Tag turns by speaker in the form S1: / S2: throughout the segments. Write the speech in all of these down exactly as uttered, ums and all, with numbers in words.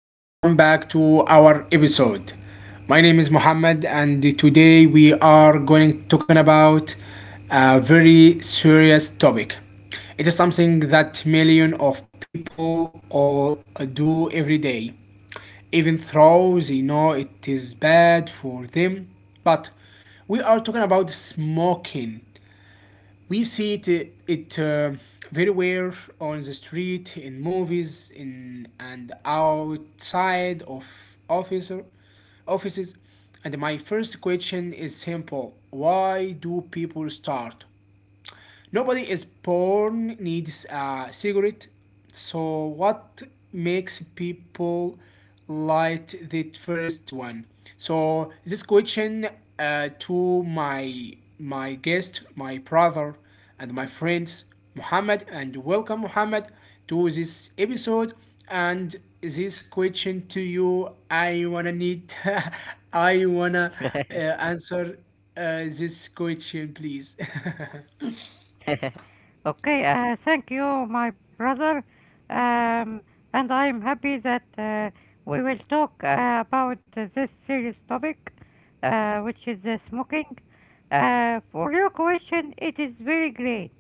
S1: Welcome back to our episode. My name is Mohammed, and today we are going talking about a very serious topic. It is something that million of people all uh, do every day, even though they know it is bad for them. But we are talking about smoking. We see it, uh, it uh, very well on the street, in movies, in and outside of officer offices. And my first question is simple: why do people start? Nobody is born needs a cigarette. So what makes people light the first one? So this question, uh, to my my guest, my brother, and my friends, Muhammad, and welcome Muhammad to this episode. And this question to you, I wanna need, I wanna uh, answer uh, this question, please.
S2: Okay, uh, thank you, my brother. Um, and I'm happy that uh, we will talk uh, about this serious topic, uh, which is uh, smoking. Uh, for your question, it is very great.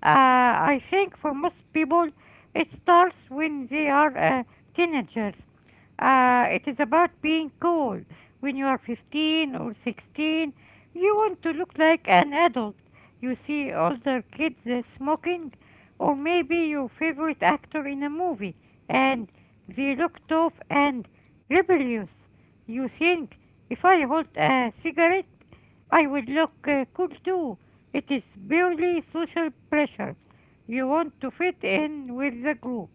S2: Uh, I think for most people, it starts when they are uh, teenagers. Uh, it is about being cool. When you are fifteen or sixteen, you want to look like an adult. You see older kids uh, smoking, or maybe your favorite actor in a movie, and they look tough and rebellious. You think if I hold a cigarette, I would look uh, cool too. It is purely social pressure. You want to fit in with the group.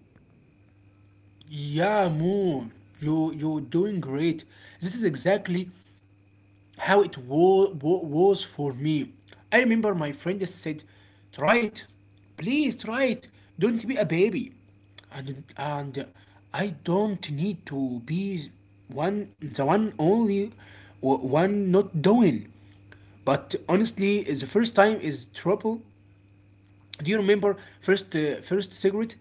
S1: Yeah, Moon, you you're doing great. This is exactly how it wa- wa- was for me. I remember my friend said, "Try it, please try it. Don't be a baby," and and I don't need to be one the one only w- one not doing. But honestly, the first time is trouble. Do you remember first uh, first cigarette?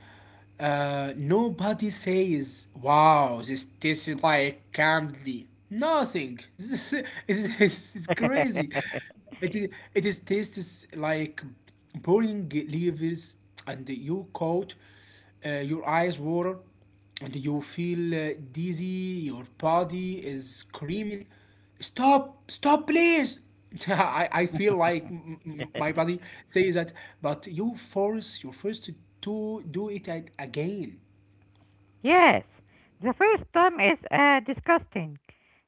S1: Uh, nobody says, "Wow, this tastes like candy." Nothing. This is it's, it's crazy. It is, it is tastes like burning leaves, and you caught uh, your eyes water and you feel uh, dizzy, your body is screaming, stop, stop, please. I, I feel like m- m- my body says that, but you force your first to do it a- again.
S2: Yes, the first time is uh, disgusting.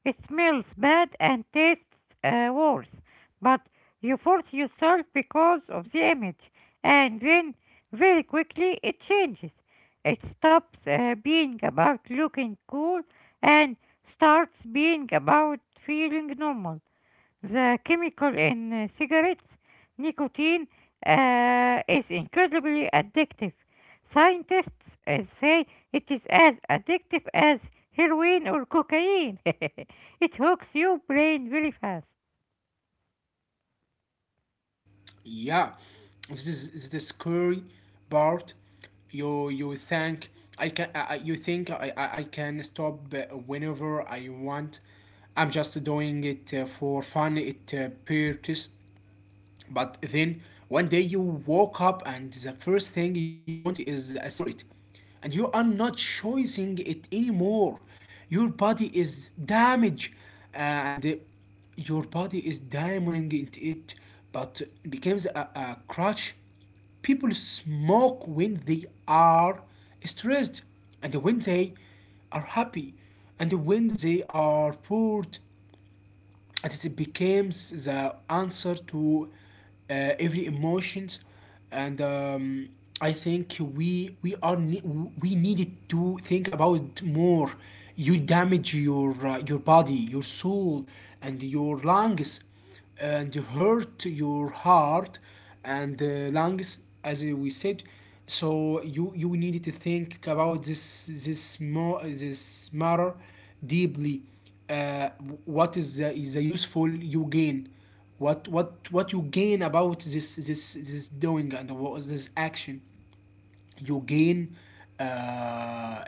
S2: It smells bad and tastes uh, worse, but you force yourself because of the image, and then very quickly it changes. It stops uh, being about looking cool and starts being about feeling normal. The chemical in uh, cigarettes, nicotine, uh, is incredibly addictive. Scientists uh, say it is as addictive as heroin or cocaine. It hooks your brain very fast.
S1: Yeah, this is, this is the scary part. You you think I can I, I- you think I, I, I can stop uh, whenever I want. I'm just doing it uh, for fun. It uh, purchase. But then one day you woke up and the first thing you want is a cigarette. And you are not choosing it anymore. Your body is damaged uh, and uh, your body is damaging it, it, but becomes a, a crutch. People smoke when they are stressed, and when they are happy, and when they are bored, and it becomes the answer to uh, every emotions. And um, I think we we are ne- we needed to think about more. You damage your uh, your body, your soul, and your lungs, and hurt your heart and uh, lungs, as we said. So you you need to think about this this more this matter deeply. uh, what is the, is the useful you gain? what what what you gain about this this this doing, and what this action you gain? uh, uh,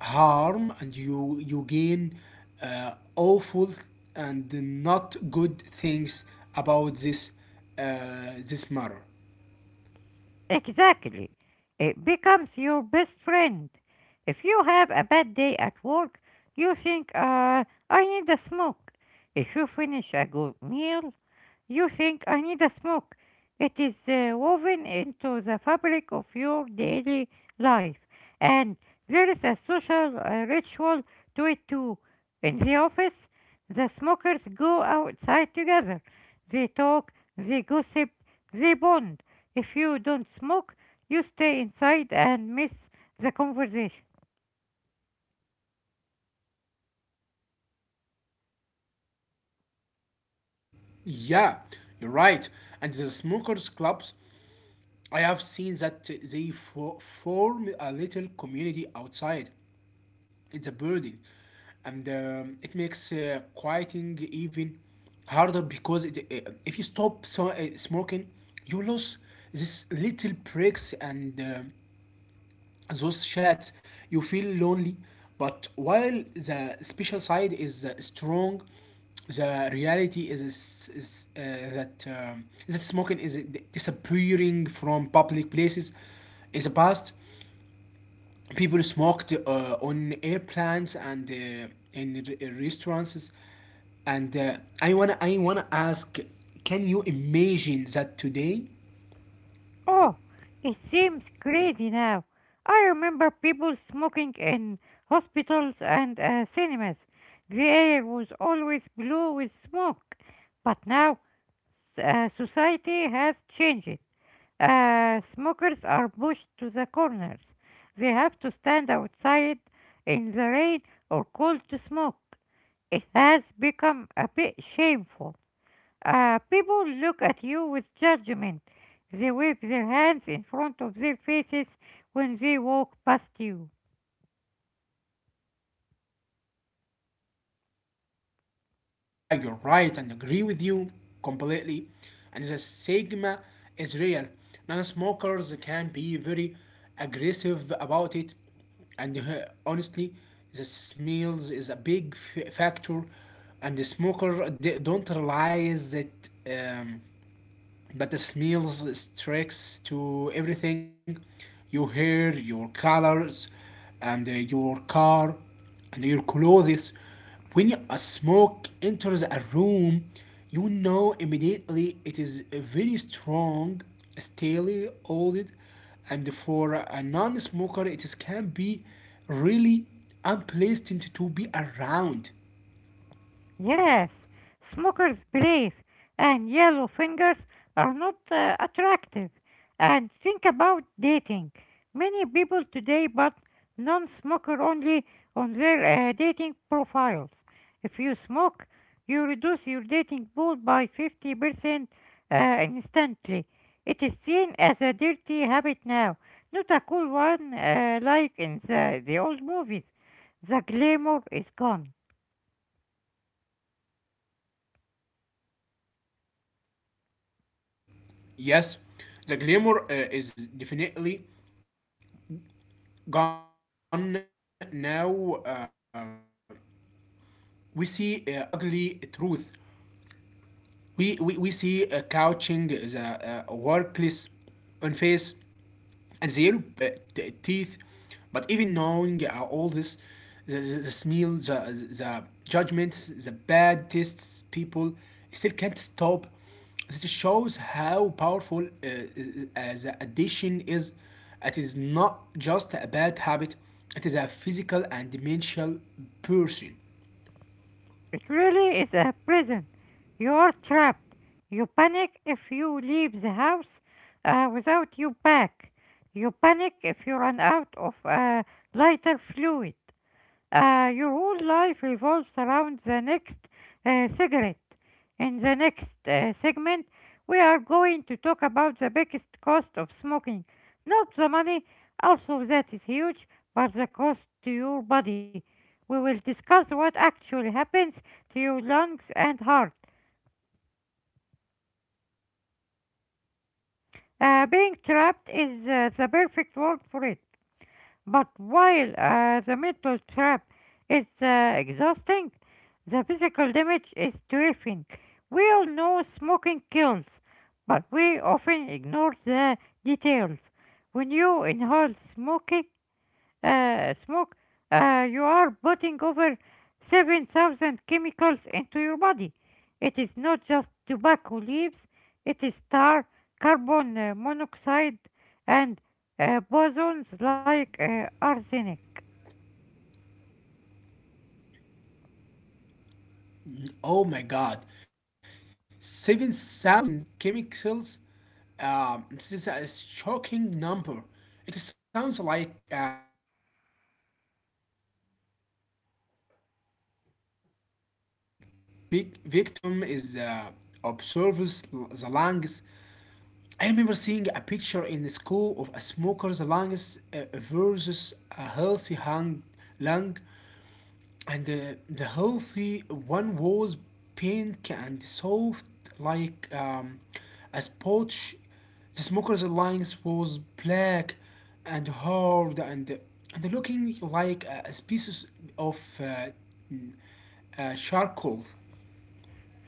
S1: harm, and you you gain uh, awful and not good things about this uh, this matter.
S2: Exactly. It becomes your best friend. If you have a bad day at work, you think, uh, I need a smoke. If you finish a good meal, you think I need a smock. It is uh, woven into the fabric of your daily life. And there is a social uh, ritual to it too. In the office, the smokers go outside together. They talk, they gossip, they bond. If you don't smoke, you stay inside and miss the conversation.
S1: Yeah, you're right. And the smokers clubs, I have seen that they fo- form a little community outside. It's a burden, and um, it makes uh, quieting even harder because it, uh, if you stop so, uh, smoking you lose these little breaks, and um, those chats, you feel lonely. But while the special side is uh, strong, the reality is, is, is, uh, that um, that smoking is uh, d- disappearing from public places. In the past, people smoked uh, on airplanes and uh, in r- uh, restaurants, and uh, i want to I want to ask, can you imagine that today?
S2: Oh, it seems crazy now. I remember people smoking in hospitals and uh, cinemas. The air was always blue with smoke. But now s- uh, society has changed. Uh, smokers are pushed to the corners. They have to stand outside in the rain or cold to smoke. It has become a bit shameful. Uh, people look at you with judgment. They wave their hands in front of their faces when they walk past you.
S1: Yeah, you're right, and agree with you completely. And the stigma is real. Non-smokers can be very aggressive about it, and uh, honestly, the smells is a big f- factor, and the smoker d- don't realize it, um, but the smells, tricks to everything: your hair, your colors, and uh, your car, and your clothes. When you- a smoke enters a room, you know immediately it is a very strong, steely, old, and for a non-smoker, it is, can be really unpleasant to be around.
S2: Yes, smoker's grace and yellow fingers are not uh, attractive. And think about dating. Many people today put non smoker only on their uh, dating profiles. If you smoke, you reduce your dating pool by fifty percent uh, instantly. It is seen as a dirty habit now, not a cool one uh, like in the, the old movies. The glamour is gone.
S1: Yes, the glamour uh, is definitely gone now. Uh, we see uh, ugly truth. We, we, we see uh, couching, the uh, workless on face, and the yellow uh, t- teeth. But even knowing uh, all this, the, the, the smell, the, the judgments, the bad tastes, people still can't stop. It shows how powerful uh, uh, uh, the addiction is. It is not just a bad habit, it is a physical and mental person.
S2: It really is a prison. You are trapped. You panic if you leave the house uh, without your pack. You panic if you run out of uh, lighter fluid. Uh, your whole life revolves around the next uh, cigarette. In the next uh, segment, we are going to talk about the biggest cost of smoking. Not the money, also that is huge, but the cost to your body. We will discuss what actually happens to your lungs and heart. Uh, being trapped is uh, the perfect word for it. But while uh, the mental trap is uh, exhausting, the physical damage is terrifying. We all know smoking kills, but we often ignore the details. When you inhale smoky uh, smoke, uh, you are putting over seven thousand chemicals into your body. It is not just tobacco leaves, it is tar, carbon uh, monoxide, and uh, bosons like uh, arsenic.
S1: Oh my god, seven thousand chemicals. Um, this is a shocking number. It sounds like a chemistry lab uh, diseased, and the first uh, vic- victim is uh, observes the lungs. I remember seeing a picture in the school of a smoker's lungs uh, versus a healthy hung lung. and uh, the healthy one was pink and soft like um, a sponge. The smoker's lines was black and hard and and looking like a species of uh, uh, charcoal.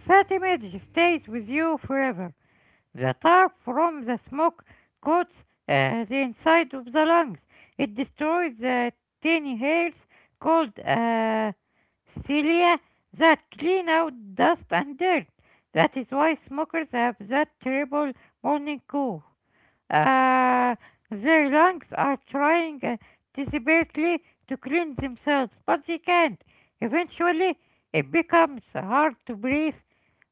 S2: That image stays with you forever. The tar from the smoke coats uh, the inside of the lungs. It destroys the tiny hairs called uh, cilia that clean out dust and dirt. That is why smokers have that terrible morning cough. Uh, their lungs are trying uh, desperately to clean themselves, but they can't. Eventually, it becomes hard to breathe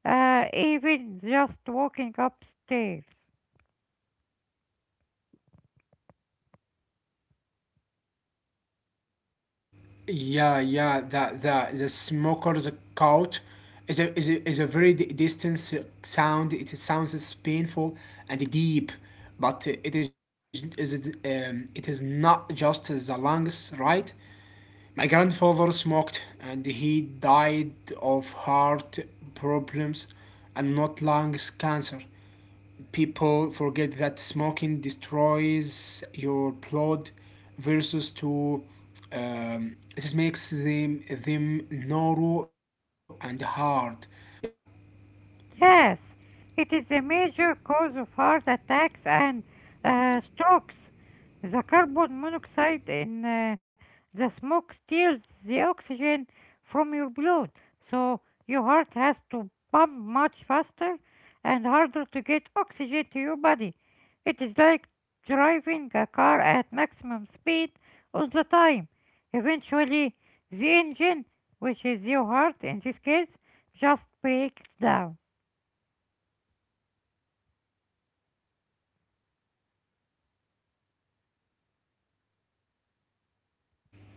S2: uh, even just walking upstairs.
S1: Yeah, yeah, that the the smoker's coat is a is a, is a very d- distant s- sound. It sounds as painful and deep, but uh, it is is it, um, it is not just the lungs, right? My grandfather smoked, and he died of heart problems and not lungs cancer. People forget that smoking destroys your blood versus to um, this makes them them narrow and hard, yeah.
S2: Yes, it is a major cause of heart attacks and uh, strokes. The carbon monoxide in uh, the smoke steals the oxygen from your blood, so your heart has to pump much faster and harder to get oxygen to your body. It is like driving a car at maximum speed all the time. Eventually, the engine, which is your heart in this case, just breaks down.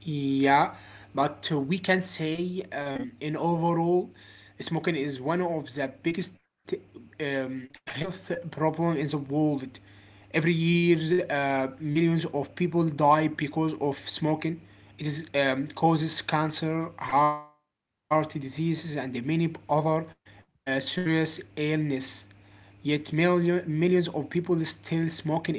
S1: Yeah, but we can say um, in overall, smoking is one of the biggest um, health problem in the world. Every year, uh, millions of people die because of smoking. It is, um, causes cancer, heart diseases, and many other uh, serious illness. Yet million, millions of people still smoking every day.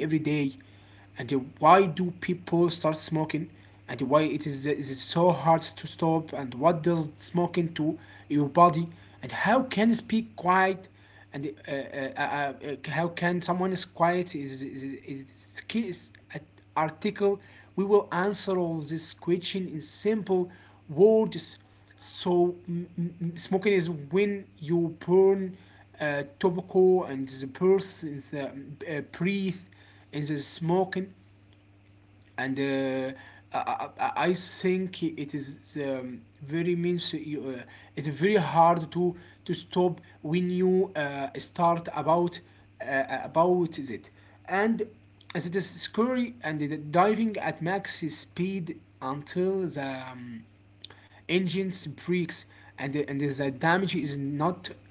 S1: And why do people start smoking, and why it is, it is so hard to stop, and what does smoking to your body, and how can speak quiet, and uh, uh, uh, uh, uh, how can someone is quiet is is, is, is, key- an article. We will answer all this question in simple words. So m- m- smoking is when you burn uh, tobacco, and the person's uh, uh, breath is the smoking, and uh, I, I, I I think it is um, very means you, uh, it's very hard to to stop when you uh, start about uh, about it, and as it is scary and diving at max speed until the um, engines breaks. And the, and the damage is not uh,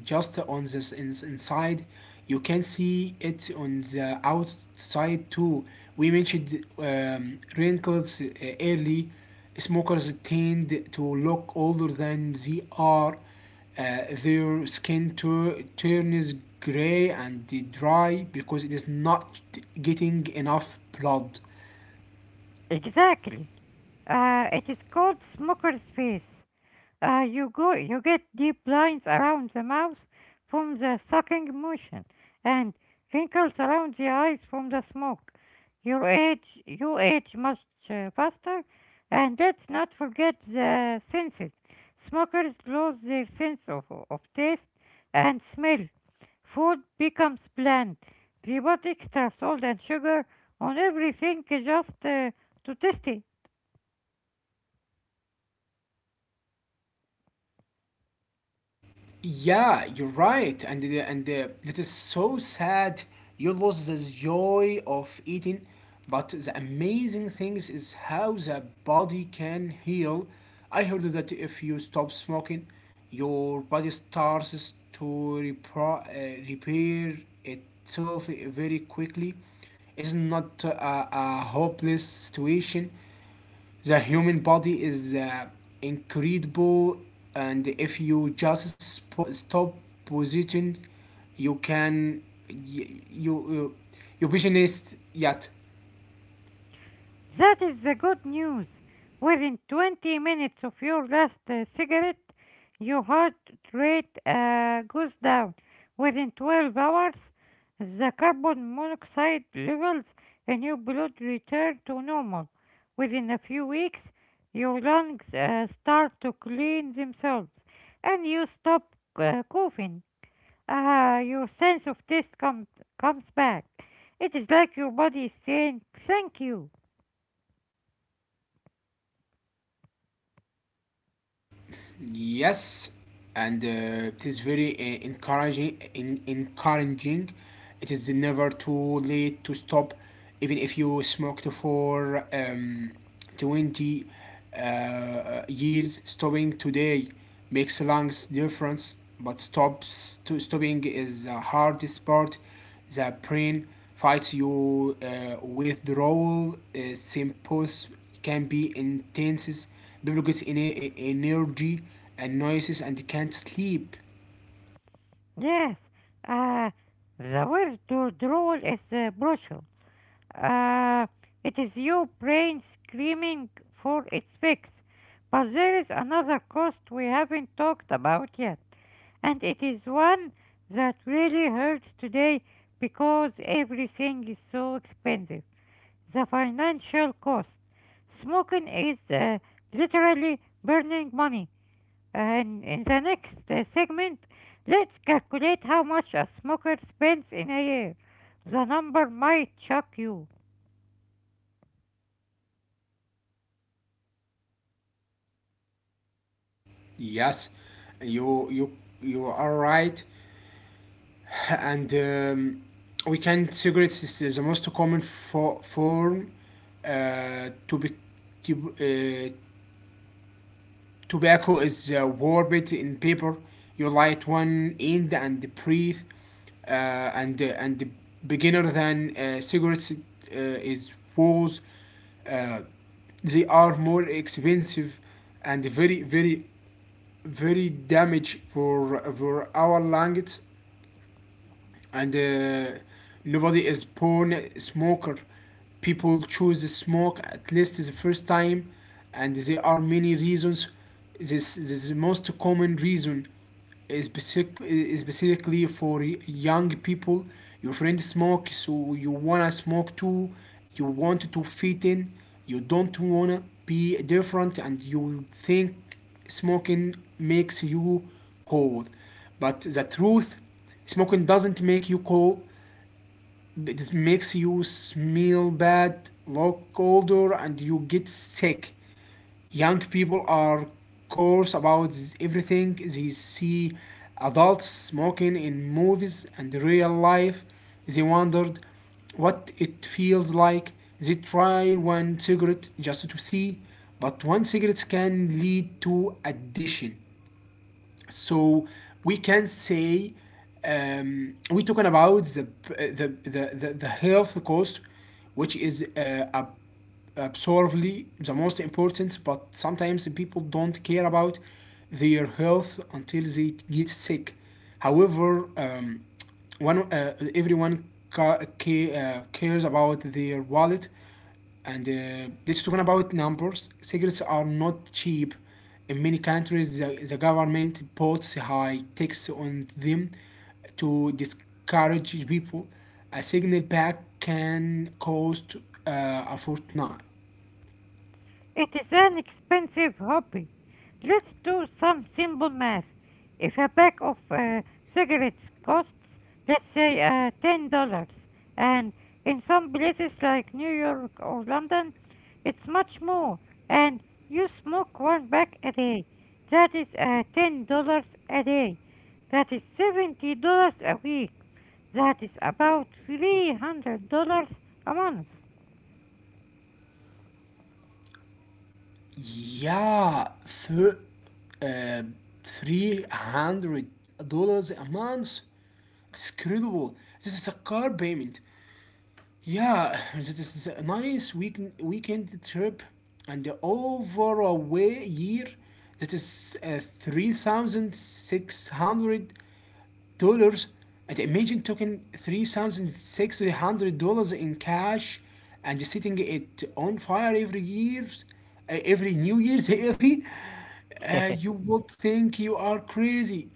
S1: just on this in, inside. You can see it on the outside too. We mentioned um, wrinkles uh, early. Smokers tend to look older than they are. uh, their skin turns gray and dry because it is not getting enough blood.
S2: Exactly. Uh, it is called smoker space. Uh, you go, you get deep lines around the mouth from the sucking motion, and wrinkles around the eyes from the smoke. You age, you age much uh, faster, and let's not forget the senses. Smokers lose their sense of, of taste and smell. Food becomes bland. They put extra salt and sugar on everything just uh, to taste it.
S1: Yeah, you're right, and the- and uh, that is so sad. You lost the joy of eating, but the amazing things is how the body can heal. I heard that if you stop smoking, your body starts to repro- uh, repair itself very quickly. It's not a, a hopeless situation. The human body is uh, incredible, and if you just spo- stop position, you can you you, you visionist yet.
S2: That is the good news. Within twenty minutes of your last uh, cigarette, your heart rate uh, goes down. Within twelve hours, the carbon monoxide levels in your blood return to normal. Within a few weeks, your lungs uh, start to clean themselves and you stop uh, coughing. Ah, your sense of taste comes comes back. It is like your body is saying thank you.
S1: Yes, and uh, it is very uh, encouraging. In- encouraging, it is never too late to stop, even if you smoked for um, twenty uh, years. Stopping today makes a long difference, but stops to stopping is the hardest part. The brain fights you uh, withdrawal uh, symptoms can be intense. People get ener- energy and noises and can't sleep.
S2: Yes, uh, the word to drawl is uh, brutal. Uh, it is your brain screaming for its fix. But there is another cost we haven't talked about yet, and it is one that really hurts today because everything is so expensive. The financial cost. Smoking is uh, literally burning money. And in the next uh, segment, let's calculate how much a smoker spends in a year. The number might shock you.
S1: Yes, you you you are right, and um, we can cigarettes is the most common for form uh, to be to, uh, tobacco is uh, warped in paper. You light one end and breathe, uh, and uh, and beginner than uh, cigarettes uh, is walls. Uh, they are more expensive and very very very damage for for our lungs, and uh, nobody is porn smoker. People choose to smoke at least the first time, and there are many reasons. This, this is the most common reason specific, uh, specifically for young people. Your friend smokes, so you wanna smoke too. You want to fit in. You don't wanna be different, and you think smoking makes you cold. But the truth, smoking doesn't make you cold. It makes you smell bad, look older, and you get sick. Young people are coarse about everything they see: adults smoking in movies and real life. They wondered what it feels like. They try one cigarette just to see, but one cigarette can lead to addiction. So we can say um, we're talking about the the, the, the, the health cost, which is uh, absolutely the most important, but sometimes people don't care about their health until they get sick. However, um, one uh, everyone ca- ca- uh, cares about their wallet, and uh, let's talk about numbers. Cigarettes are not cheap. In many countries, the, the government puts high tax on them to discourage people. A signal pack can cost uh, a fortnight.
S2: It is an expensive hobby. Let's do some simple math. If a pack of uh, cigarettes costs, let's say, uh, ten dollars and in some places like New York or London, it's much more, and you smoke one pack a day. That is uh, ten dollars a day. That is seventy dollars a week. That is about three hundred dollars a month.
S1: Yeah, thir- uh, three hundred dollars a month. It's incredible. This is a car payment. Yeah, it is a nice week weekend trip, and the overall way year that is uh, three thousand six hundred dollars. And imagine taking three thousand six hundred dollars in cash and setting it on fire every year's uh, every New Year's Eve. Uh, you would think you are crazy,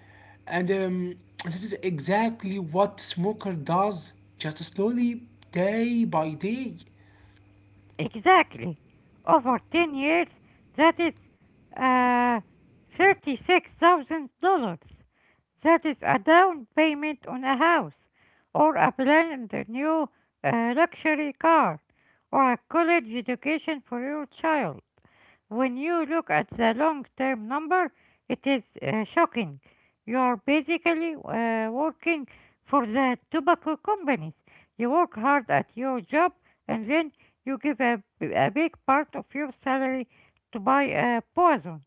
S1: and um, this is exactly what smoker does, just slowly, day by day.
S2: Exactly. Over ten years, that is uh, thirty-six thousand dollars. That is a down payment on a house, or a brand new uh, luxury car, or a college education for your child. When you look at the long term number, it is uh, shocking. You are basically uh, working for the tobacco companies. You work hard at your job and then you give a, a big part of your salary to buy a poison.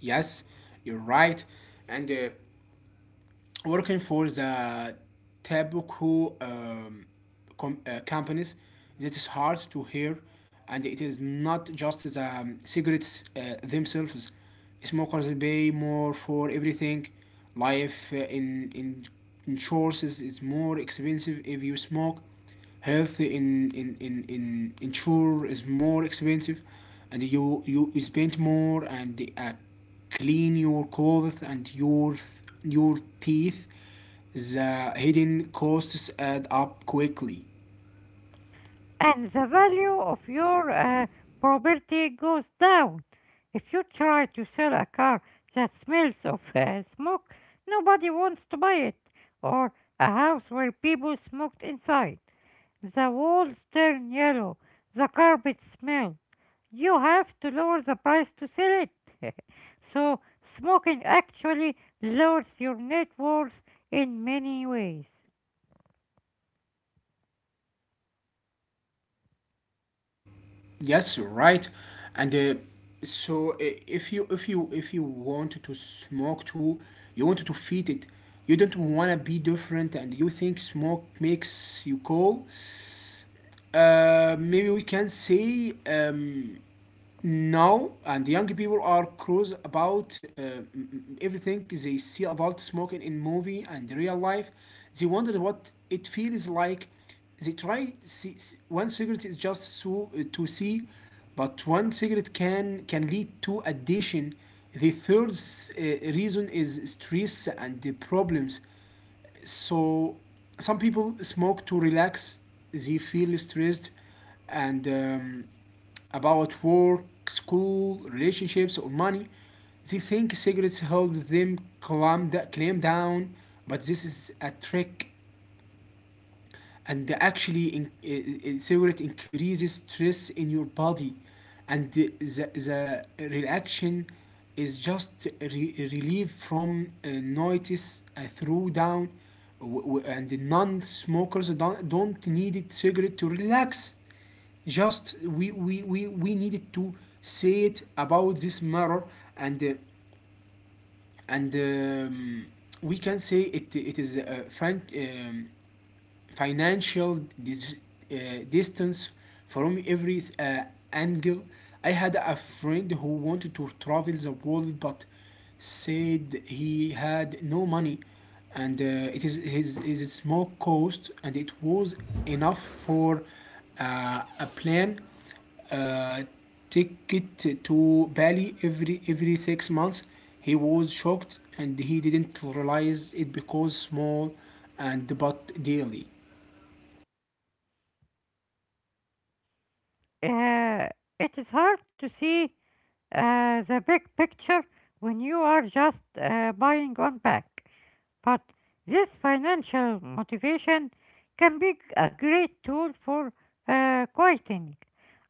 S1: Yes, you're right, and. Uh, working for the tobacco um, com- uh, companies, that is hard to hear. And it is not just the um, cigarettes uh, themselves. Smokers pay more for everything. Life uh, in in insurance is more expensive if you smoke. Health in in in in insure is more expensive, and you you spend more and uh, clean your clothes and your your teeth. The hidden costs add up quickly.
S2: And the value of your uh, property goes down. If you try to sell a car that smells of uh, smoke, nobody wants to buy it, or a house where people smoked inside. The walls turn yellow. The carpets smell. You have to lower the price to sell it. So, smoking actually lowers your net worth in many ways.
S1: Yes, right. And uh, so i- if you if you if you want to smoke too, you want to feed it. You don't want to be different, and you think smoke makes you cool. Uh, maybe we can say, um, now and young people are curious about uh, everything. They see adults smoking in movie and real life. They wonder what it feels like. they try see, One cigarette is just so uh, to see, but one cigarette can can lead to addiction. The third uh, reason is stress and the problems. So some people smoke to relax. They feel stressed and um, about work, school, relationships, or money. They think cigarettes help them calm, da- calm down, but this is a trick. And actually, in, uh, uh, cigarette increases stress in your body, and the, the, the reaction is just re- relief from uh, notice uh, through down. W- w- and the non-smokers don't, don't need it cigarette to relax. Just we, we, we, we needed to say it about this matter. And uh, and um, we can say it, it is a fan, um, financial dis- uh, distance from every uh, angle. I had a friend who wanted to travel the world, but said he had no money. And uh, It is his, his small cost, and it was enough for uh, a plane uh, ticket to Bali every every six months. He was shocked, and he didn't realize it because small and but daily.
S2: Uh, it is hard to see uh, the big picture when you are just uh, buying one pack. But this financial motivation can be a great tool for uh, quieting.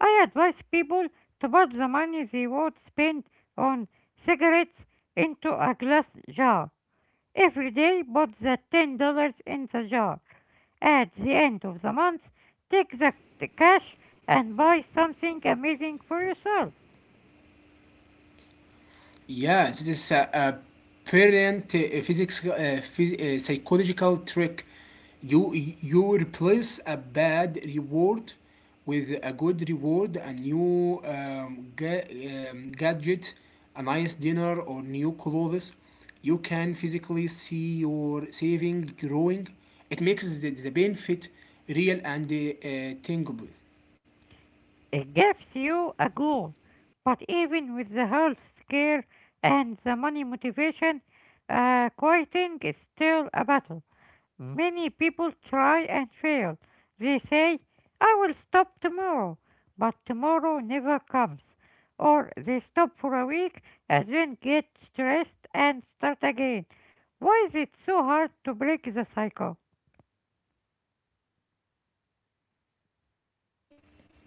S2: I advise people to put the money they would spend on cigarettes into a glass jar. Every day, put the ten dollars in the jar. At the end of the month, take the the cash and buy something amazing for yourself.
S1: Yeah, this is a, a brilliant uh, physics, uh, phys- uh, psychological trick. You you replace a bad reward with a good reward, a new um, ga- um, gadget, a nice dinner, or new clothes. You can physically see your saving growing. It makes the, the benefit real and uh, tangible.
S2: It gives you a goal. But even with the health scare and the money motivation, uh, quitting is still a battle. Many people try and fail. They say, I will stop tomorrow, but tomorrow never comes. Or they stop for a week and then get stressed and start again. Why is it so hard to break the cycle?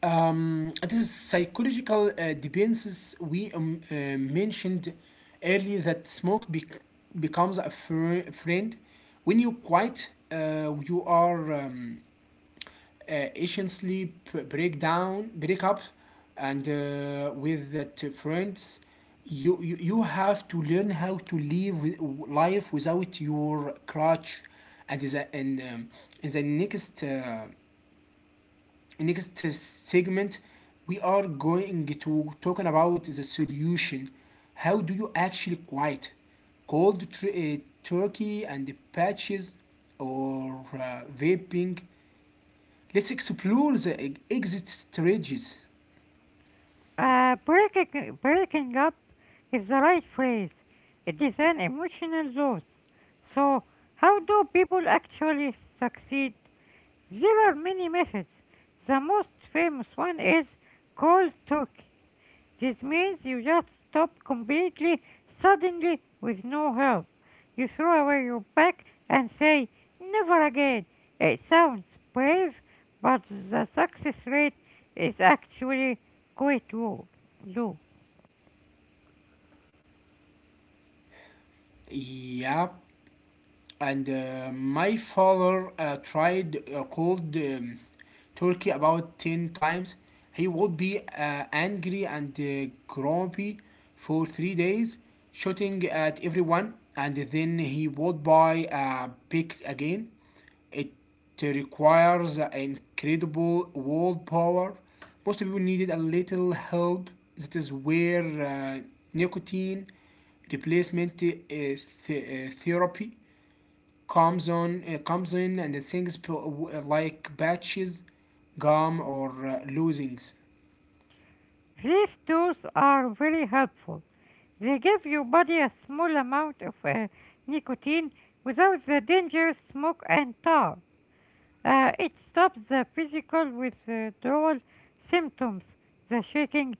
S1: Um, this psychological uh, dependencies we um, uh, mentioned earlier, that smoke bec- becomes a fr- friend. When you quit, uh, you are um, uh, essentially p- break down break up, and uh, with that uh, friends, you, you you have to learn how to live with, life without your crutch. And the and um, in the next uh, next segment, we are going to talking about the solution. How do you actually quiet cold uh, turkey and the patches, or uh, vaping? Let's explore the e- exit strategies.
S2: Uh, breaking, breaking up is the right phrase. It is an emotional loss. So, how do people actually succeed? There are many methods. The most famous one is cold turkey. This means you just stop completely, suddenly, with no help. You throw away your pack and say, never again. It sounds brave, but the success rate is actually quite low. Low.
S1: Yep. and uh, My father uh, tried uh, cold um, turkey about ten times. He would be uh, angry and uh, grumpy for three days, shooting at everyone, and then he would buy a pig again. It requires incredible willpower. Most people needed a little help. That is where uh, nicotine replacement uh, th- uh, therapy comes on uh, comes in, and things like patches, gum, or uh, losings.
S2: These tools are very helpful. They give your body a small amount of uh, nicotine without the dangerous smoke and tar. Uh, it stops the physical withdrawal symptoms, the shaking,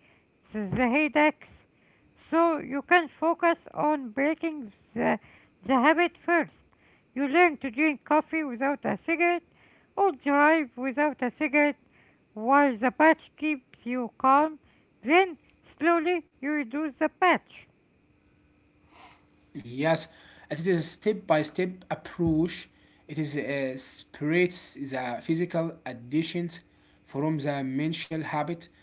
S2: the, the headaches, so you can focus on breaking the, the habit first. You learn to drink coffee without a cigarette or drive without a cigarette while the patch keeps you calm, then slowly you reduce the patch.
S1: Yes, it is a step-by-step approach. It is uh, separates the physical additions from the mental habit.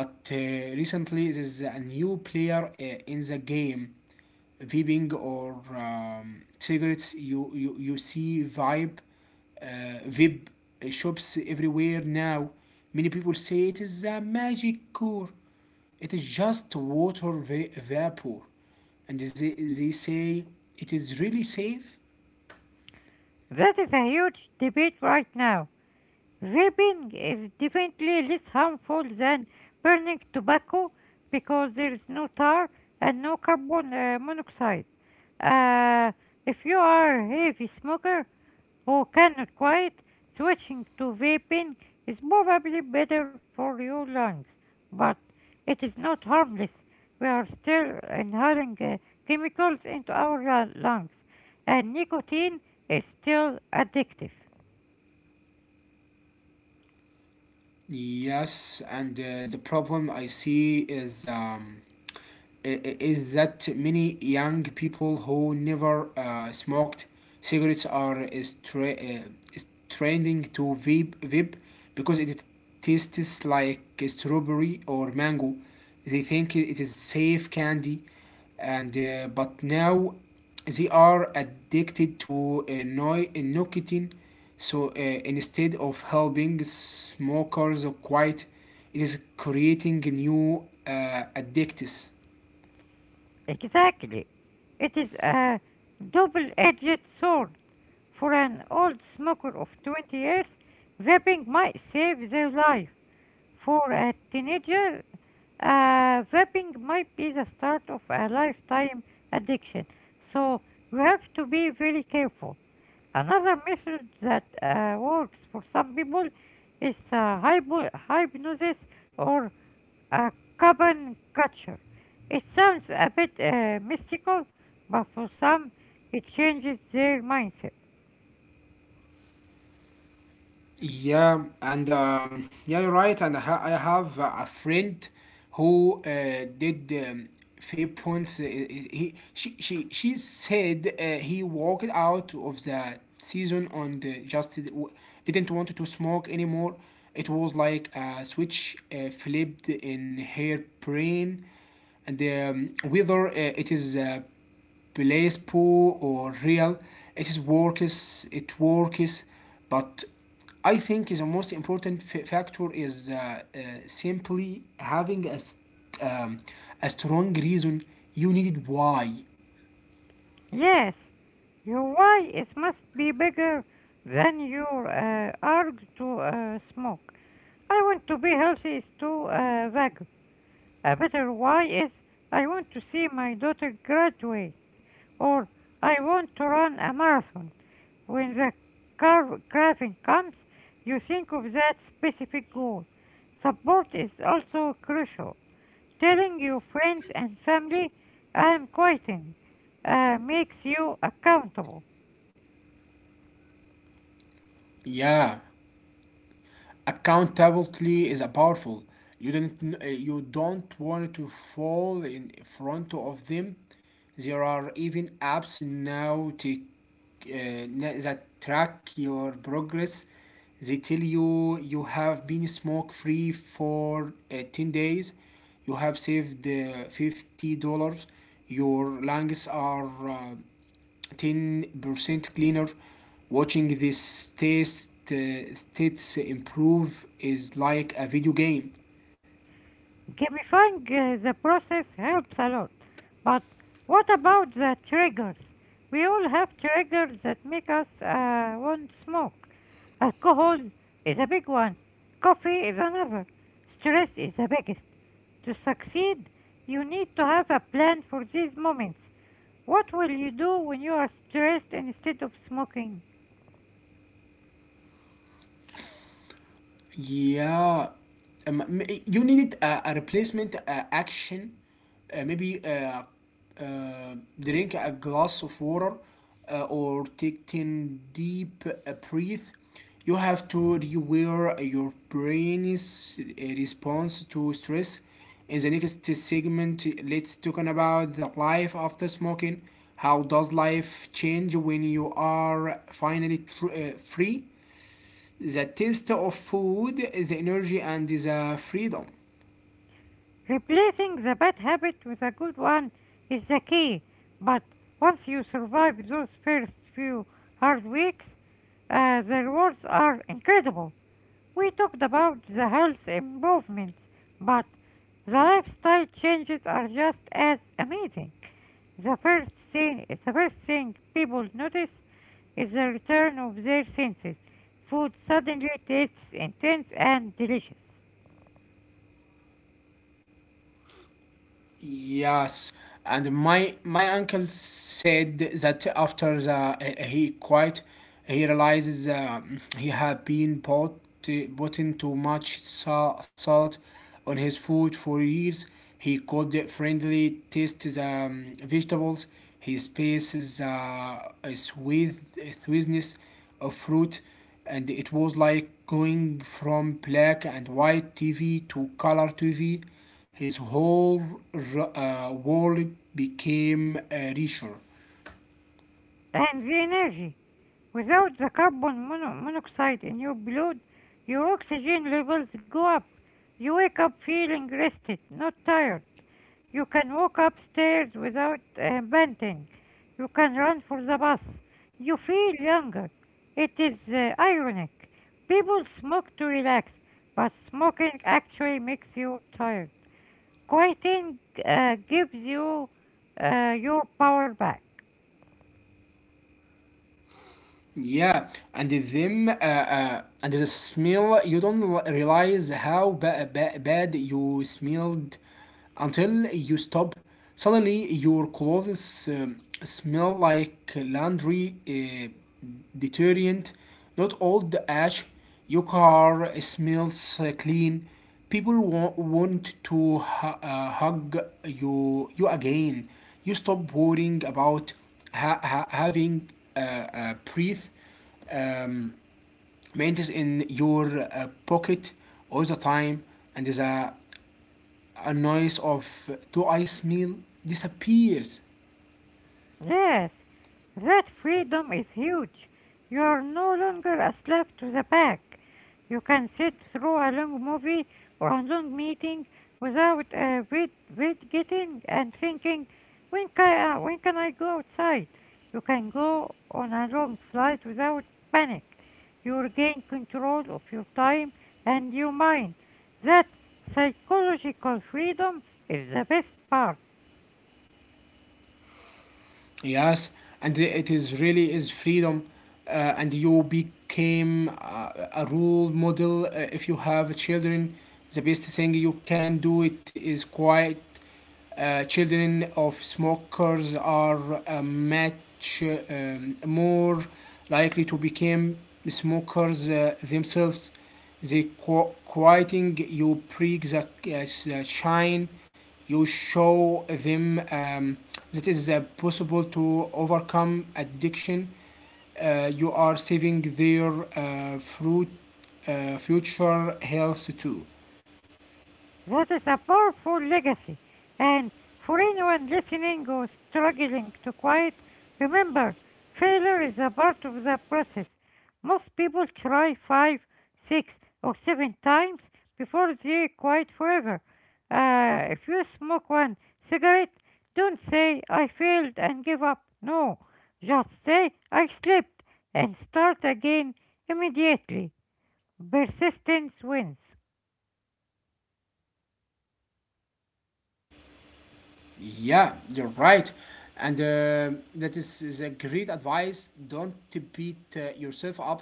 S1: But uh, recently, there is a new player uh, in the game. Vaping, or um, cigarettes, you you, you see vibe uh, vape shops everywhere now. Many people say it is a magic cure. It is just water va- vapor, and they, they say it is really safe.
S2: That is a huge debate right now. Vaping is definitely less harmful than burning tobacco because there is no tar and no carbon uh, monoxide. Uh, if you are a heavy smoker who cannot quit, switching to vaping is probably better for your lungs, but it is not harmless. We are still inhaling uh, chemicals into our lu- lungs, and nicotine is still addictive.
S1: Yes, and uh, the problem I see is um, is that many young people who never uh, smoked cigarettes are stra tra- uh, trending to vape, vape because it tastes like strawberry or mango. They think it is safe candy, and uh, but now they are addicted to uh, no nicotine. So uh, instead of helping smokers quiet, it is creating new uh, addicts.
S2: Exactly. It is a double-edged sword. For an old smoker of twenty years, vaping might save their life. For a teenager, uh, vaping might be the start of a lifetime addiction. So you have to be very careful. Another method that uh, works for some people is uh, hypo- hypnosis or a carbon culture. It sounds a bit uh, mystical, but for some, it changes their mindset.
S1: Yeah, and um, yeah, you're right. And I, ha- I have uh, a friend who uh, did um, three points. Uh, he, he- she, she, she said uh, he walked out of the season on the just w- didn't want to smoke anymore. It was like a switch uh, flipped in her brain, and um, whether uh, it is uh, place poor or real. It is works. It works, but I think the most important f- factor is uh, uh, simply having a, s- um, a strong reason you needed why.
S2: Yes, your why is must be bigger than your uh, urge to uh, smoke. I want to be healthy is too uh, vague. A better why is I want to see my daughter graduate, or I want to run a marathon. When the carv- carving comes, you think of that specific goal. Support is also crucial. Telling your friends and family, I am quitting, uh, makes you accountable.
S1: Yeah. Accountability is a powerful. You don't kn- uh, you don't want to fall in front of them. There are even apps now to, uh, na- that track your progress. They tell you you have been smoke free for uh, ten days. You have saved uh, fifty dollars. Your lungs are uh, ten percent cleaner. Watching this test uh, stats improve is like a video game.
S2: Gamifying uh, the process helps a lot. But what about the triggers? We all have triggers that make us uh, want smoke. Alcohol is a big one, coffee is another, stress is the biggest. To succeed, you need to have a plan for these moments. What will you do when you are stressed instead of smoking?
S1: Yeah, um, m- you needed a, a replacement uh, action. Uh, maybe uh, uh, drink a glass of water, uh, or take ten deep uh, breath. You have to rewire your brain's uh, response to stress. In the next segment, let's talk about the life after smoking. How does life change when you are finally tr- uh, free? The taste of food, the energy, and the freedom.
S2: Replacing the bad habit with a good one is the key, but once you survive those first few hard weeks, uh, the rewards are incredible. We talked about the health improvements, but the lifestyle changes are just as amazing. The first thing, the first thing people notice is the return of their senses. Food suddenly tastes intense and delicious.
S1: Yes, and my my uncle said that after the, eh, he quit, he realizes um, he had been put putting too much sa- salt on his food for years. He could friendly taste the um, vegetables. He spaces uh, a sweet sweetness of fruit, and it was like going from black and white T V to color T V. His whole r- uh, world became uh, richer.
S2: And the energy. Without the carbon mono- monoxide in your blood, your oxygen levels go up. You wake up feeling rested, not tired. You can walk upstairs without uh, panting. You can run for the bus. You feel younger. It is uh, ironic. People smoke to relax, but smoking actually makes you tired. Quitting uh, gives you uh, your power back.
S1: Yeah, and then uh, uh, and the smell, you don't l- realize how ba- ba- bad you smelled until you stop. Suddenly, your clothes um, smell like laundry uh, detergent, not old ash. Your car smells clean. People wa- want to hu- uh, hug you, you again. You stop worrying about ha- ha- having uh, uh, breath um, maintenance in your uh, pocket all the time, and the a noise of "do I smell" disappears.
S2: Yes, that freedom is huge. You are no longer a slave to the pack. You can sit through a long movie or a long meeting without uh, wait, wait getting and thinking, when can, uh, when can I go outside? You can go on a long flight without panic. You regain control of your time and your mind. That psychological freedom is the best part.
S1: Yes, and it is really is freedom, uh, and you became uh, a role model. Uh, if you have children, the best thing you can do it is quiet. Uh, children of smokers are uh, much um, more likely to become smokers uh, themselves. The qu- quieting you prick the, uh, the shine. You show them um, that it is uh, possible to overcome addiction. Uh, you are saving their uh, fruit, uh, future health too.
S2: That is a powerful legacy. And for anyone listening or struggling to quit, remember, failure is a part of the process. Most people try five, six, or seven times before they quit forever. Uh, if you smoke one cigarette, don't say, I failed and give up. No, just say, I slipped and start again immediately. Persistence wins.
S1: Yeah, you're right. And uh, that is, is a great advice. Don't beat uh, yourself up.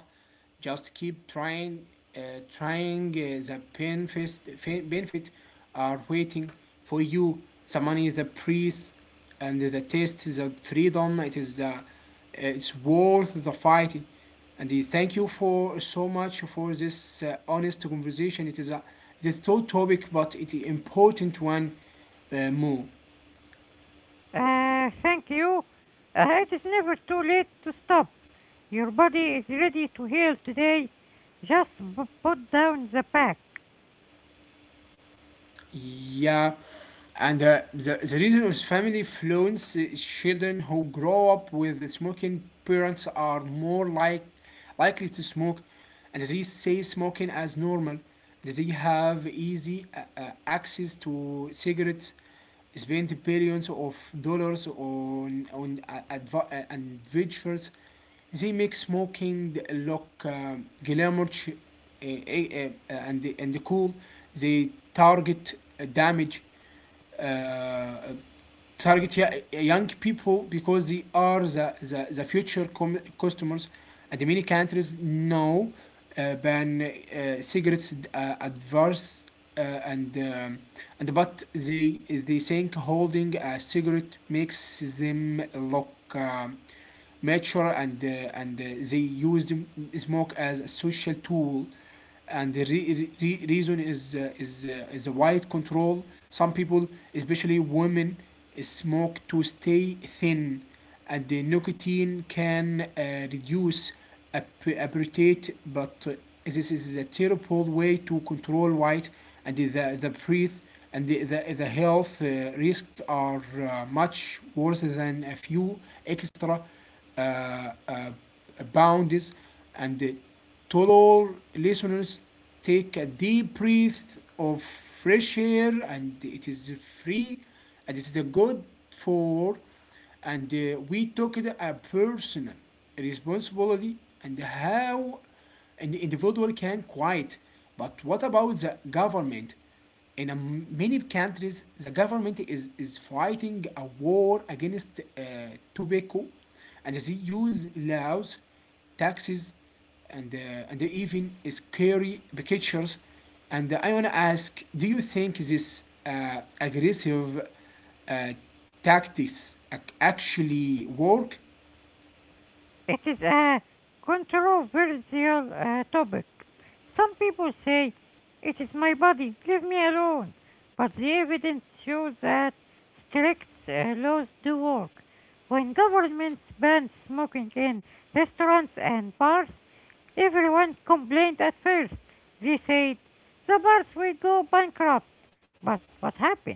S1: Just keep trying. Uh, trying uh, the benefits, Benefit are waiting for you. The money, the price, and the taste, the freedom. It is the, it's worth the fight. And uh, thank you for so much for this uh, honest conversation. It is a, it is a tough topic, but it is important one, uh, more.
S2: Uh, thank you. Uh, it is never too late to stop. Your body is ready to heal today. Just b- put down the pack.
S1: Yeah, and uh, the the reason is family influence is children who grow up with smoking parents are more like likely to smoke, and they see smoking as normal. They have easy uh, uh, access to cigarettes. Spend billions of dollars on on uh, adv- uh, adventures. They make smoking look um, glamorous uh, uh, and, and cool. They target uh, damage, uh, target young people because they are the, the, the future com- customers. And many countries now uh, ban uh, cigarettes uh, adverse uh, and um, and but they they think holding a cigarette makes them look um, mature and uh, and uh, they used smoke as a social tool. And the re- re- reason is uh, is uh, is a white control. Some people, especially women, smoke to stay thin, and the nicotine can uh, reduce appetite. But uh, this is a terrible way to control weight, and the the breath and the the, the health uh, risk are uh, much worse than a few extra uh, uh, boundaries. And uh, to all listeners, take a deep breath of fresh air, and it is free, and it is good for. And uh, we talked a personal responsibility and how an individual can quiet. But what about the government? In um, many countries, the government is, is fighting a war against uh, tobacco, and they use laws, taxes, and uh, and even scary pictures. And I wanna ask, do you think this uh, aggressive uh, tactics actually work?
S2: It is a controversial uh, topic. Some people say, It is my body, leave me alone. But the evidence shows that strict uh, laws do work. When governments banned smoking in restaurants and bars, everyone complained at first. They said, The bars will go bankrupt. But what happened?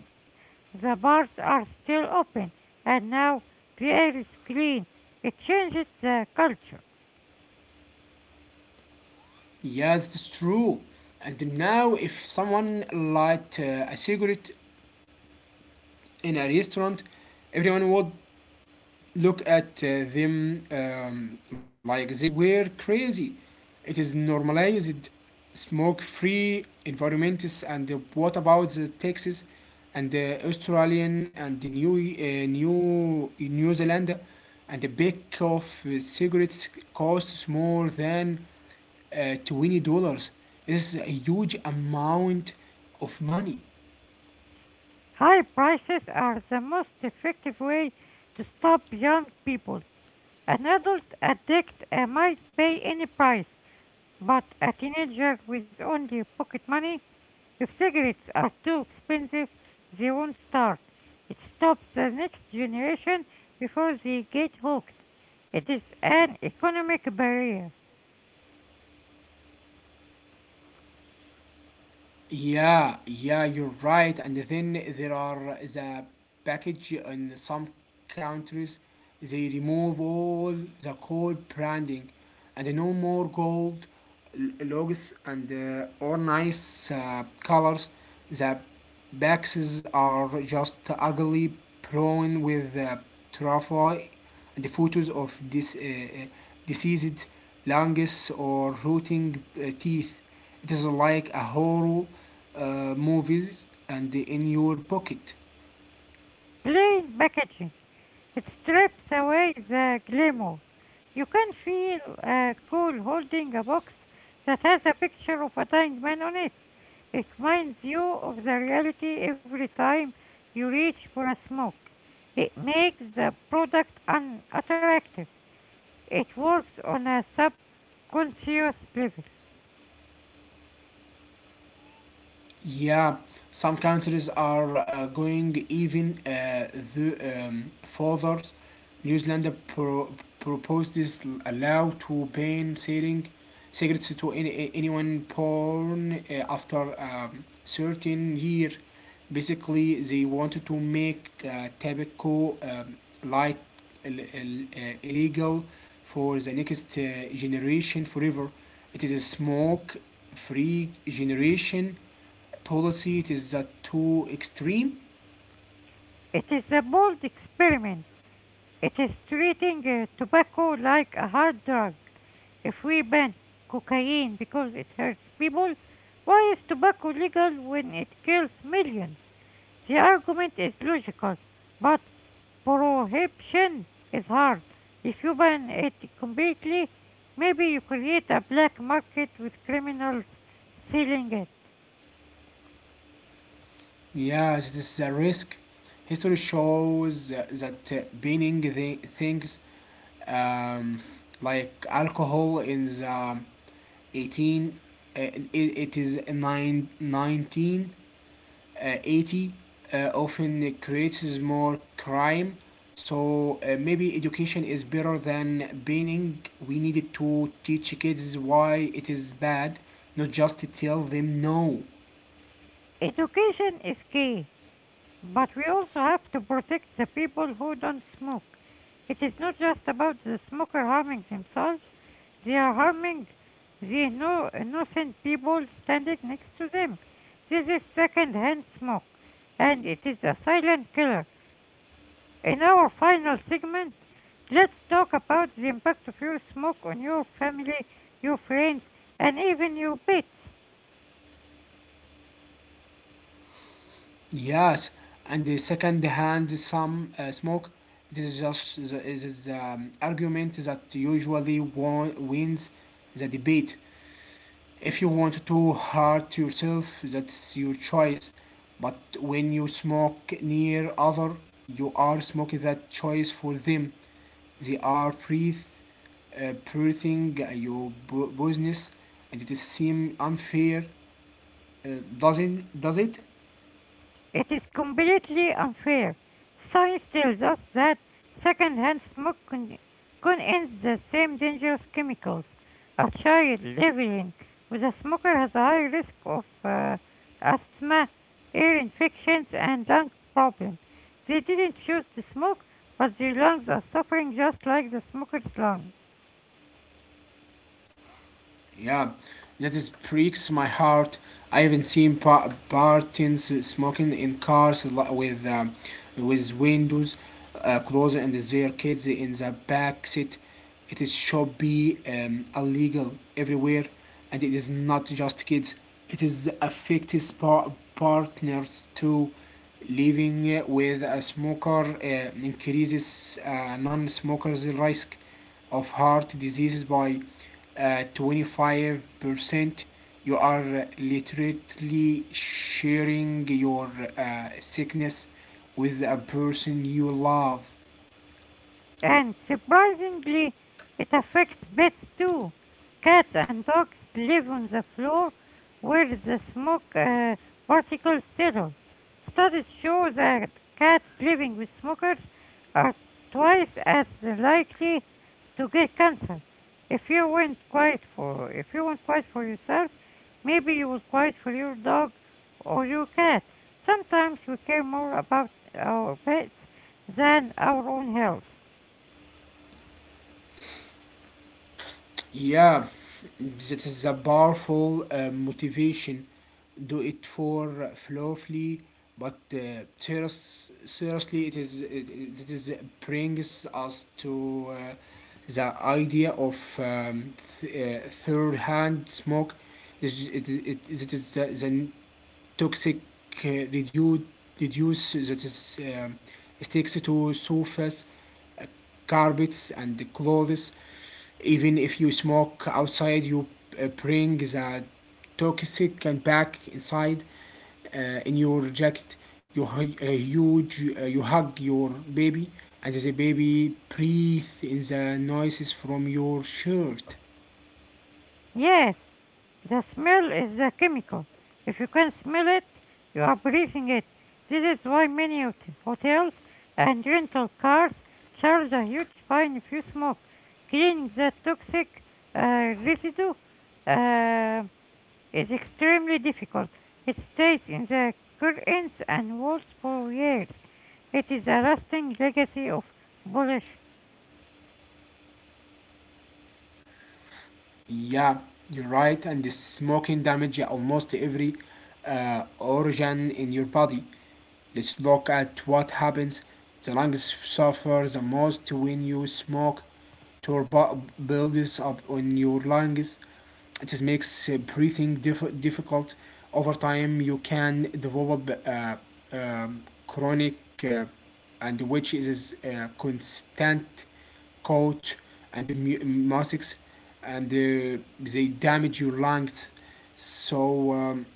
S2: The bars are still open, and now the air is clean. It changes the culture.
S1: Yes, it's true. And now, if someone light uh, a cigarette in a restaurant, everyone would look at uh, them um, like they were crazy. It is normalized smoke-free environments. And uh, what about the Texas and the Australian and the New uh, New New Zealand? And the pack of uh, cigarettes costs more than uh, twenty dollars. This is a huge amount of money.
S2: High prices are the most effective way to stop young people. An adult addict uh, might pay any price, but a teenager with only pocket money, if cigarettes are too expensive, they won't start. It stops the next generation before they get hooked. It is an economic barrier.
S1: Yeah, yeah, you're right. And then there are the package in some countries, they remove all the gold branding and no more gold l- logos and uh, or nice uh, colors. The boxes are just ugly prone with uh, trophy and the photos of this uh, uh, diseased lungs or rotting uh, teeth. It is like a horror uh, movies and in your pocket.
S2: Plain packaging. It strips away the glamour. You can feel uh, cool holding a box that has a picture of a dying man on it. It reminds you of the reality every time you reach for a smoke. It makes the product unattractive. It works on a subconscious level.
S1: Yeah, some countries are uh, going even uh, the um, further. New Zealand pro- proposed this l- allow to ban selling cigarettes to any anyone born uh, after um, certain year. Basically, they wanted to make uh, tobacco um, like ill- ill- uh, illegal for the next uh, generation forever. It is a smoke-free generation policy, it is uh, too extreme.
S2: It is a bold experiment. It is treating uh, tobacco like a hard drug. If we ban cocaine because it hurts people, why is tobacco legal when it kills millions? The argument is logical, but prohibition is hard. If you ban it completely, maybe you create a black market with criminals stealing it.
S1: Yeah, it is a risk. History shows uh, that uh, banning the things, um, like alcohol in the eighteen uh, it, it nine nineteen uh, eighty. nineteen eighty uh, often creates more crime, so uh, maybe education is better than banning. We needed to teach kids why it is bad, not just to tell them no.
S2: Education is key. But we also have to protect the people who don't smoke. It is not just about the smoker harming themselves, they are harming the no- innocent people standing next to them. This is second hand smoke, and it is a silent killer. In our final segment, let's talk about the impact of your smoke on your family, your friends, and even your pets.
S1: Yes, and the second hand some uh, smoke. It is just the, it is um, argument that usually won, wins the debate. If you want to hurt yourself, that's your choice. But when you smoke near other, you are smoking that choice for them. They are breath, uh, breathing your bu- business, and it is seem unfair. Uh, doesn't does it?
S2: It is completely unfair. Science tells us that secondhand smoke con- contains the same dangerous chemicals. A child living with a smoker has a high risk of uh, asthma, ear infections, and lung problems. They didn't choose to smoke, but their lungs are suffering just like the smoker's lungs.
S1: Yeah, that is breaks my heart. I haven't seen pa- Bartons smoking in cars li- with um, with windows uh, closed and their kids in the back seat. It is should be um, illegal everywhere, and it is not just kids. It is affects pa- partners too. Living with a smoker uh, increases uh, non-smokers' risk of heart diseases by uh, twenty-five percent. You are uh, literally sharing your uh, sickness with a person you love.
S2: And surprisingly, it affects pets too. Cats and dogs live on the floor where the smoke uh, particles settle. Studies show that cats living with smokers are twice as likely to get cancer. If you went quiet for if you went quiet for yourself, maybe you would quiet for your dog or your cat. Sometimes we care more about our pets than our own health.
S1: Yeah, that is a powerful uh, motivation. Do it for flawfully, but uh, serious, seriously, it is it, it is brings us to uh, the idea of um, th- uh, third-hand smoke. Is it is it, is- it is the, the toxic uh, reduce reduce that is um sticks to surface, carpets, and clothes. Even if you smoke outside, you uh, bring the toxic and back inside uh, in your jacket. You hu- uh, huge, uh, you hug your baby, and the baby breathe in the noises from your shirt.
S2: Yes, the smell is the chemical. If you can smell it, you are breathing it. This is why many hot- hotels and rental cars charge a huge fine if you smoke. Cleaning the toxic uh, residue uh, is extremely difficult. It stays in the curtains and walls for years. It is a lasting legacy of polish.
S1: Yeah, you're right. And the smoking damage almost every uh, organ in your body. Let's look at what happens. The lungs suffer the most when you smoke. Turbo builds up on your lungs. It makes uh, breathing diff- difficult. Over time, you can develop uh, um, chronic uh, and which is uh, constant coach and mu- musics, and uh, they damage your lungs. So um,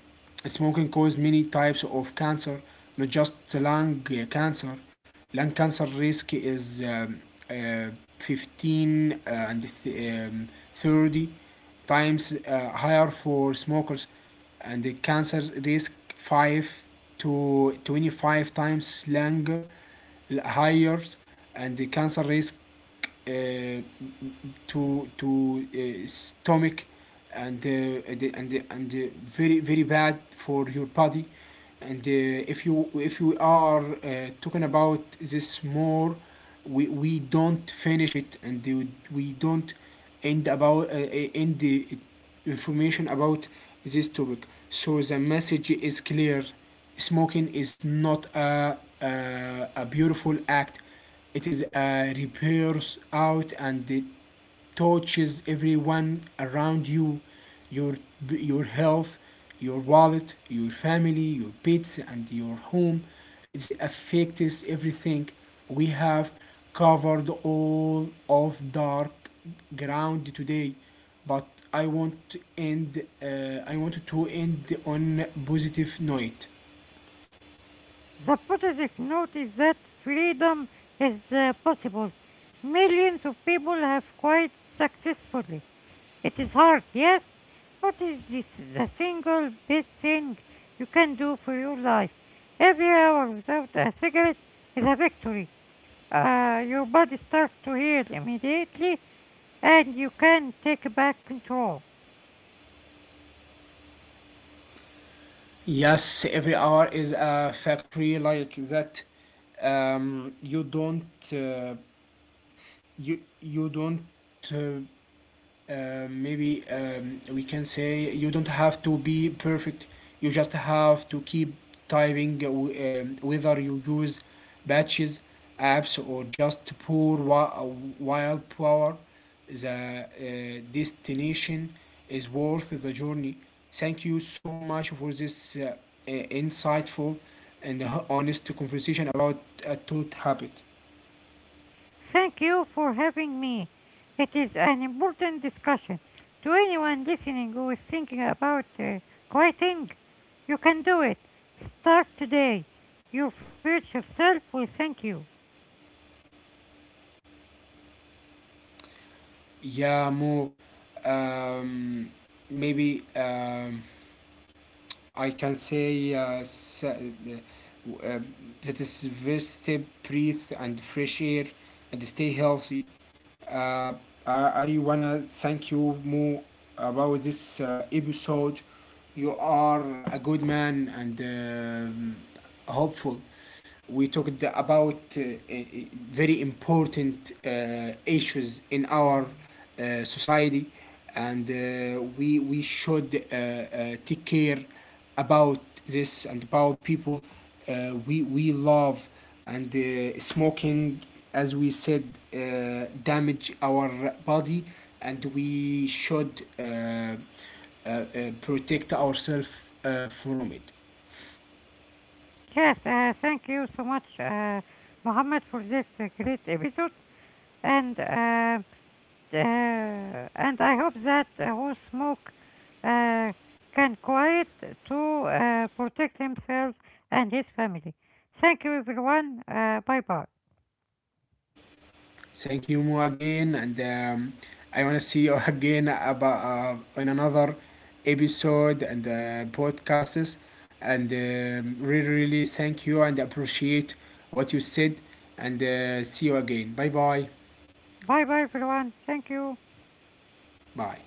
S1: smoking causes many types of cancer, not just lung uh, cancer. Lung cancer risk is um, uh, fifteen uh, and th- um, thirty times uh, higher for smokers, and the cancer risk five to twenty-five times longer higher, and the cancer risk uh, to to uh, stomach and uh, the, and the, and uh, very very bad for your body. And uh, if you if you are uh, talking about this more, we, we don't finish it, and we, don't end about uh, uh, end the- information about this topic. So the message is clear: smoking is not a, a, a beautiful act, it is a repairs out, and it touches everyone around you, your your health, your wallet, your family, your pets, and your home. It affects everything. We have covered all of dark ground today, but I want to end uh, i want to end on positive note.
S2: The positive note is that freedom is uh, possible. Millions of people have quite successfully. It is hard, yes, but it is the single best thing you can do for your life. Every hour without a cigarette is a victory. Uh, your body starts to heal immediately, and you can take back control.
S1: Yes, every hour is a factory like that. um, you don't uh, you you don't uh, uh, maybe um, we can say you don't have to be perfect, you just have to keep typing uh, w- um, whether you use batches, apps, or just pour wi- uh, wild power. The uh, destination is worth the journey. Thank you so much for this uh, uh, insightful and honest conversation about a tooth habit.
S2: Thank you for having me. It is an important discussion. To anyone listening who is thinking about uh, quitting, you can do it. Start today. Your future self will thank you.
S1: Yeah, more. Um, maybe um, I can say uh, s- uh, uh, that is rest, breathe, and fresh air, and stay healthy. Uh, I, I wanna thank you more about this uh, episode. You are a good man, and um hopeful we talked about uh, uh, very important uh, issues in our uh, society, and uh, we we should uh, uh, take care about this and about people uh, we we love, and uh, smoking, as we said, uh, damage our body, and we should uh, uh, uh, protect ourselves uh, from it.
S2: Yes, uh, thank you so much, uh, Mohammed, for this uh, great episode. And uh, uh, and I hope that uh, Wolf Smoke uh, can quiet to uh, protect himself and his family. Thank you, everyone. Uh, bye bye.
S1: Thank you, Mo, again, and um, I want to see you again about uh, in another episode and uh, podcasts. And um, really, really thank you and appreciate what you said. And uh, see you again. Bye, bye,
S2: Bye bye, everyone. Thank you.
S1: bye.